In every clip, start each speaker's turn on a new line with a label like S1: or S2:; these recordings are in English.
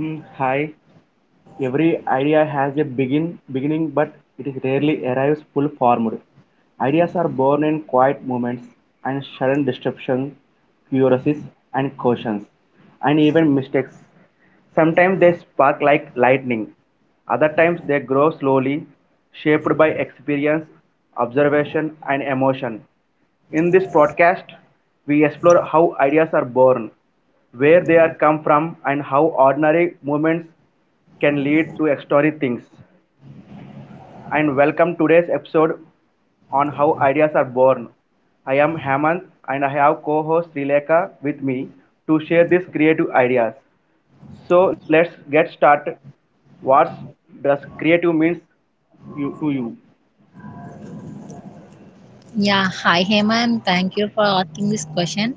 S1: Mm, hi. Every idea has a beginning, but it is rarely arrives full formed. Ideas are born in quiet moments and sudden disruption, curiosities and cautions, and even mistakes. Sometimes they spark like lightning. Other times they grow slowly, shaped by experience, observation, and emotion. In this podcast, we explore how ideas are born, where they are come from, and how ordinary movements can lead to extraordinary things. And welcome today's episode on how ideas are born. I am Hemant and I have co-host Srileka with me to share these creative ideas. So let's get started. What does creative means to you?
S2: Yeah, hi Hemant. Thank you for asking this question.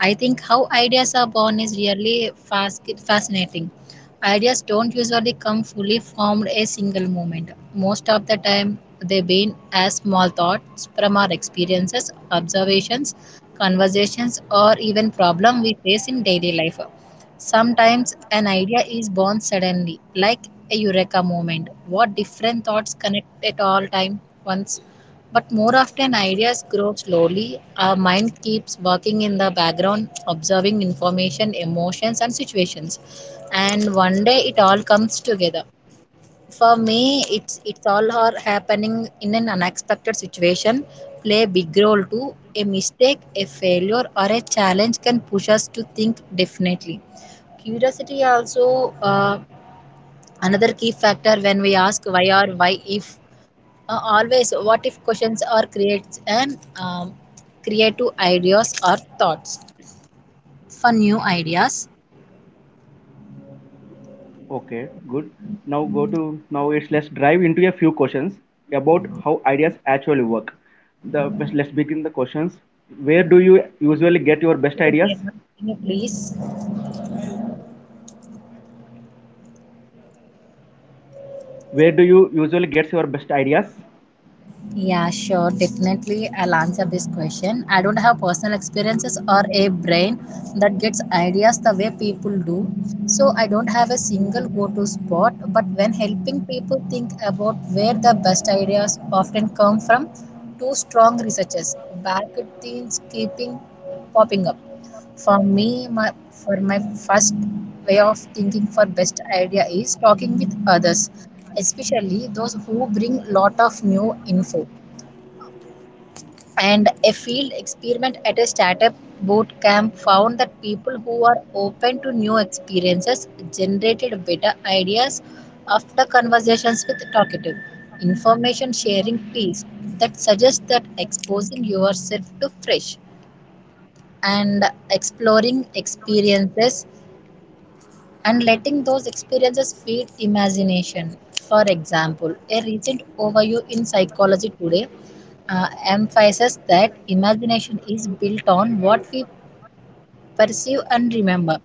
S2: I think how ideas are born is really fascinating. Ideas don't usually come fully formed a single moment. Most of the time, they begin as small thoughts from our experiences, observations, conversations, or even problem we face in daily life. Sometimes an idea is born suddenly, like a eureka moment. What different thoughts connect at all time once but more often, ideas grow slowly. Our mind keeps working in the background, observing information, emotions, and situations. And one day, it all comes together. For me, it's all are happening in an unexpected situation. Play a big role too. A mistake, a failure, or a challenge can push us to think definitely curiosity also another key factor when we ask why or why if always what if questions are creates and creative ideas or thoughts for new ideas.
S1: Okay, good. Now go to now it's let's dive into a few questions about how ideas actually work. The Let's begin the questions. Where do you usually get your best ideas?
S2: Can you please?
S1: Where do you usually get your best ideas?
S2: Yeah, sure. Definitely, I'll answer this question. I don't have personal experiences or a brain that gets ideas the way people do. So, I don't have a single go to spot. But when helping people think about where the best ideas often come from, two strong researchers, back themes keeping popping up. For me, my, for my first way of thinking for best idea is talking with others especially those who bring lot of new info. And a field experiment at a startup boot camp found that people who are open to new experiences generated better ideas after conversations with talkative. Information sharing piece that suggests that exposing yourself to fresh and exploring experiences and letting those experiences feed imagination. For example, a recent overview in psychology today emphasizes that imagination is built on what we perceive and remember.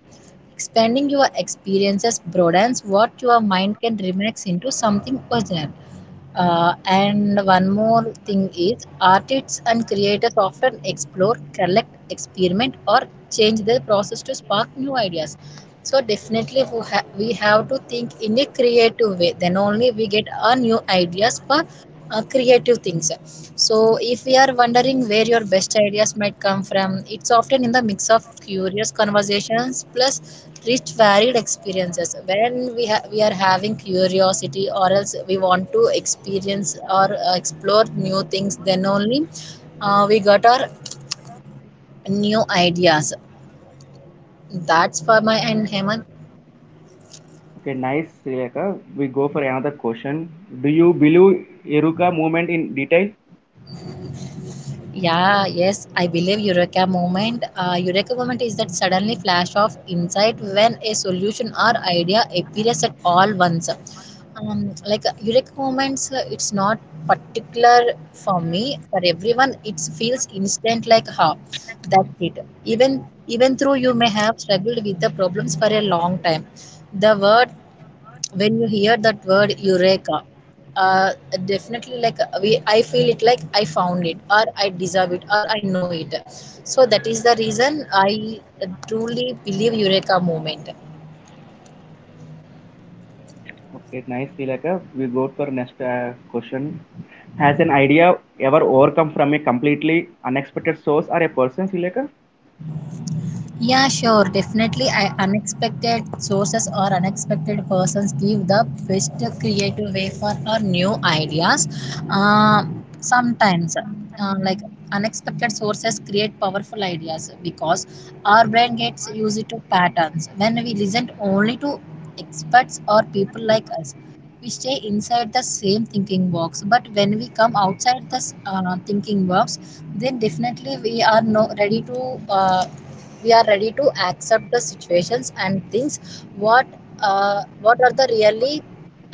S2: Expanding your experiences broadens what your mind can remix into something original. And one more thing is artists and creators often explore, collect, experiment, or change their process to spark new ideas. So definitely we have to think in a creative way. Then only we get our new ideas for creative things. So if we are wondering where your best ideas might come from, it's often in the mix of curious conversations plus rich varied experiences. When we are having curiosity, or else we want to experience or explore new things, then only we got our new ideas. That's for my end, Hemant.
S3: Okay, nice, Sri. We go for another question. Do you believe Iruka movement in detail?
S2: Yeah, yes, I believe Eureka moment. Eureka moment is that suddenly flash of insight when a solution or idea appears at all once. Like Eureka moments, it's not particular for me. For everyone, it feels instant. Like how that's it. Even though you may have struggled with the problems for a long time, the word when you hear that word eureka uh, definitely like we I feel it like I found it or I deserve it or I know it so that is the reason I truly believe eureka moment.
S3: Okay, nice, Sri. We go for next question. Has an idea ever overcome from a completely unexpected source or a person, Sri?
S2: Yeah, sure. Definitely, I, unexpected sources or unexpected persons give the best creative way for our new ideas. Uh, sometimes, like unexpected sources create powerful ideas because our brain gets used to patterns. When we listen only to experts or people like us, we stay inside the same thinking box. But when we come outside this thinking box, then definitely we are no ready to. We are ready to accept the situations and things what what are the really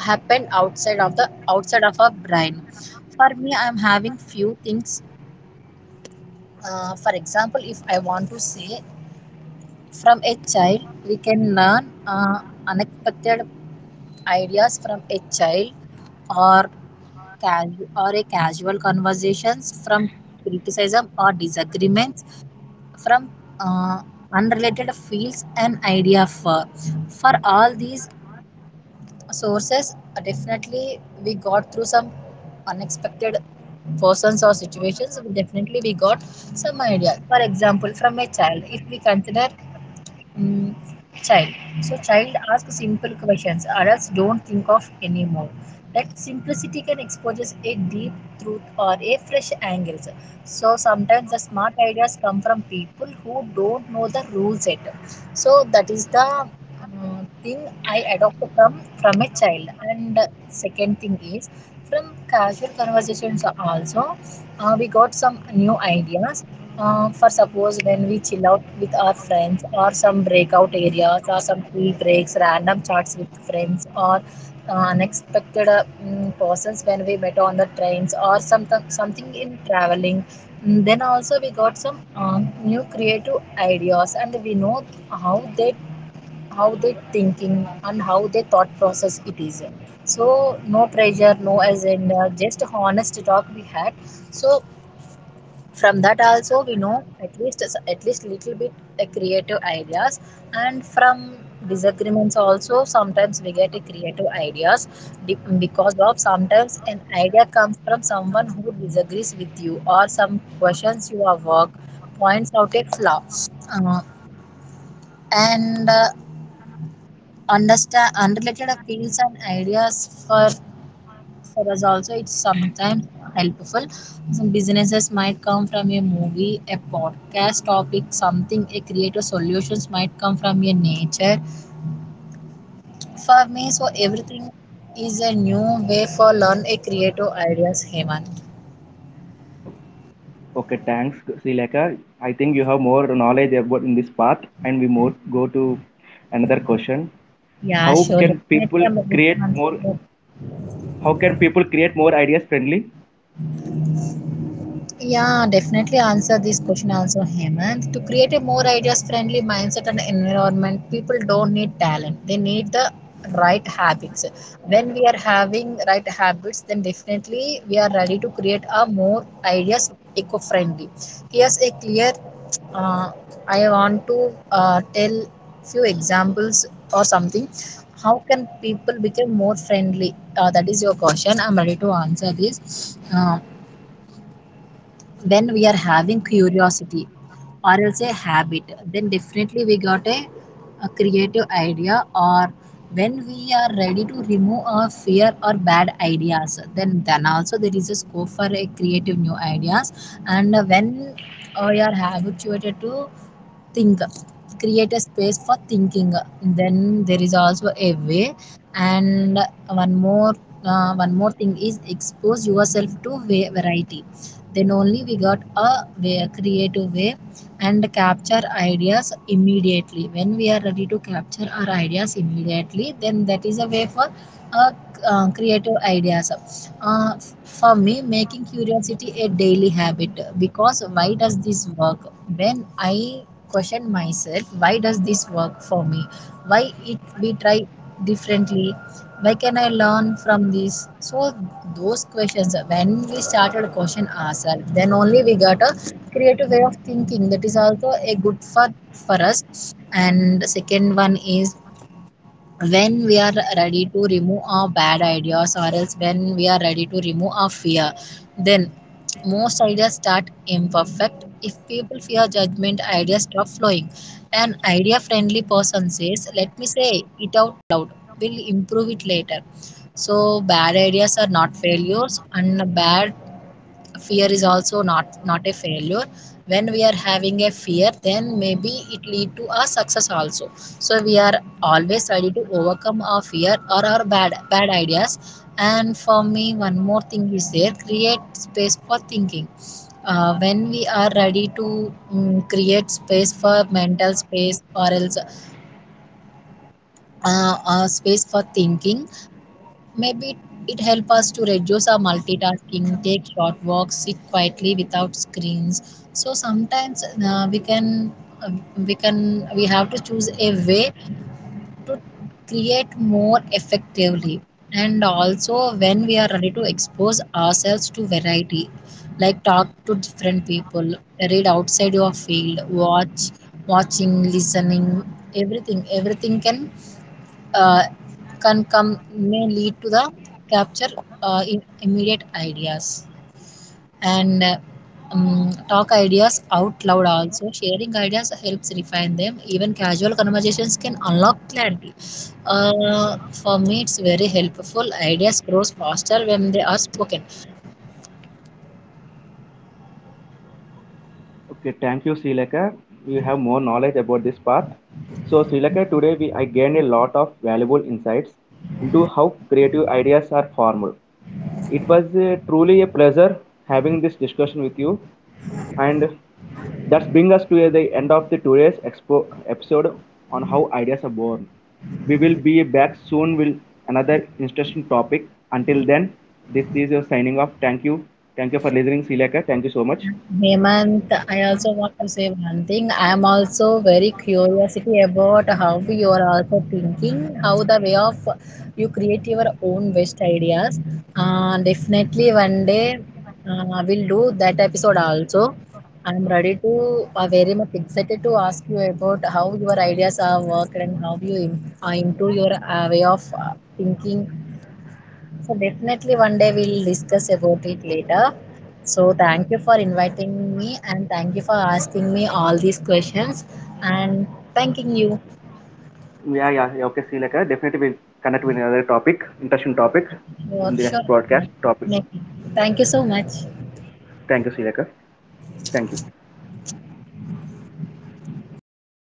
S2: happened outside of the outside of our brain. For me I am having few things, for example if I want to say from a child we can learn uh, unexpected ideas from a child or or a casual conversations from criticism or disagreements from uh, unrelated fields an idea for all these sources, definitely we got through some unexpected persons or situations, definitely we got some idea. For example, from a child if we consider Mm, child. So child asks simple questions adults don't think of anymore. That simplicity can expose a deep truth or a fresh angles. So sometimes the smart ideas come from people who don't know the rules yet, so that is the thing I adopted from a child. And second thing is from casual conversations also we got some new ideas, for suppose when we chill out with our friends or some breakout areas or some tea breaks random chats with friends or unexpected persons when we met on the trains or some something in traveling. Then also we got some new creative ideas and we know how they how they thinking and how they thought process it is. So no pressure no agenda just honest talk we had. So from that also we know at least little bit creative ideas. And from disagreements also sometimes we get a creative ideas, because of sometimes an idea comes from someone who disagrees with you or some questions your work points out a flaw, uh, and understand unrelated feels and ideas for us also it's sometimes helpful. Some businesses might come from a movie a podcast topic something a creative solutions might come from your nature. For me so everything is a new way for learn a creative ideas heman.
S3: Okay, thanks, Sri. I think you have more knowledge about in this path, and we more go to another question.
S2: Yeah
S3: How
S2: sure,
S3: can
S2: definitely
S3: people
S2: I'm
S3: create more?
S2: looking.
S3: How can people create more ideas friendly?
S2: Yeah, definitely answer this question also, Hemant. To create a more ideas friendly mindset and environment, people don't need talent. They need the right habits. When we are having right habits, then definitely we are ready to create a more ideas eco friendly. Here's a clear uh, I want to tell few examples or something. How can people become more friendly? That is your question. I'm ready to answer this. When we are having curiosity or else a habit then definitely we got a creative idea. Or when we are ready to remove our fear or bad ideas, then also there is a scope for a creative new ideas. And when we are habituated to think, create a space for thinking, then there is also a way. And one more one more thing is expose yourself to variety, then only we got a way, creative way. And capture ideas immediately, when we are ready to capture our ideas immediately then that is a way for uh, creative ideas. uh, for me, making curiosity a daily habit, because why does this work? When I question myself, why does this work for me? Why it we try differently? Why can I learn from this? So those questions, when we started question ourselves, then only we got a creative way of thinking. That is also a good for us. And second one is when we are ready to remove our bad ideas or else when we are ready to remove our fear, then most ideas start imperfect. If people fear judgment ideas stop flowing. An idea friendly person says let me say it out loud we'll improve it later. So bad ideas are not failures and bad fear is also not a failure. When we are having a fear then maybe it lead to a success also, so we are always ready to overcome our fear or our bad ideas. And for me one more thing is there, create space for thinking. When we are ready to create space for mental space or else space for thinking. Maybe it helps us to reduce our multitasking, take short walks, sit quietly without screens. So sometimes we can uh, we have to choose a way to create more effectively. And also when we are ready to expose ourselves to variety, like talk to different people, read outside your field, watching listening, everything uh, can come may lead to the capture in immediate ideas. And talk ideas out loud also, sharing ideas helps refine them, even casual conversations can unlock clarity. For me it's very helpful, ideas grows faster when they are spoken.
S3: Okay, thank you, Sri Lanka. You have more knowledge about this path. So, Sri Lanka, today we, I gained a lot of valuable insights into how creative ideas are formed. It was truly a pleasure having this discussion with you, and that brings us to the end of the today's episode on how ideas are born. We will be back soon with another interesting topic. Until then, this is your signing off. Thank you. Thank you for listening, Sri Lanka. Thank you so much.
S2: Hemant, I also want to say one thing. I am also very curiosity about how you are also thinking, how the way of you create your own best ideas. Definitely one day we'll do that episode also. I'm ready to, very much excited to ask you about how your ideas are worked and how you improve your way of thinking. So definitely one day we'll discuss about it later. So thank you for inviting me and thank you for asking me all these questions, and thanking you
S3: Yeah, yeah, yeah. Okay, see you later. Definitely we'll connect with another topic, interesting topic
S2: for
S3: in the next
S2: sure.
S3: broadcast topic.
S2: Definitely. Thank you so much.
S3: Thank you, see you later. Thank you.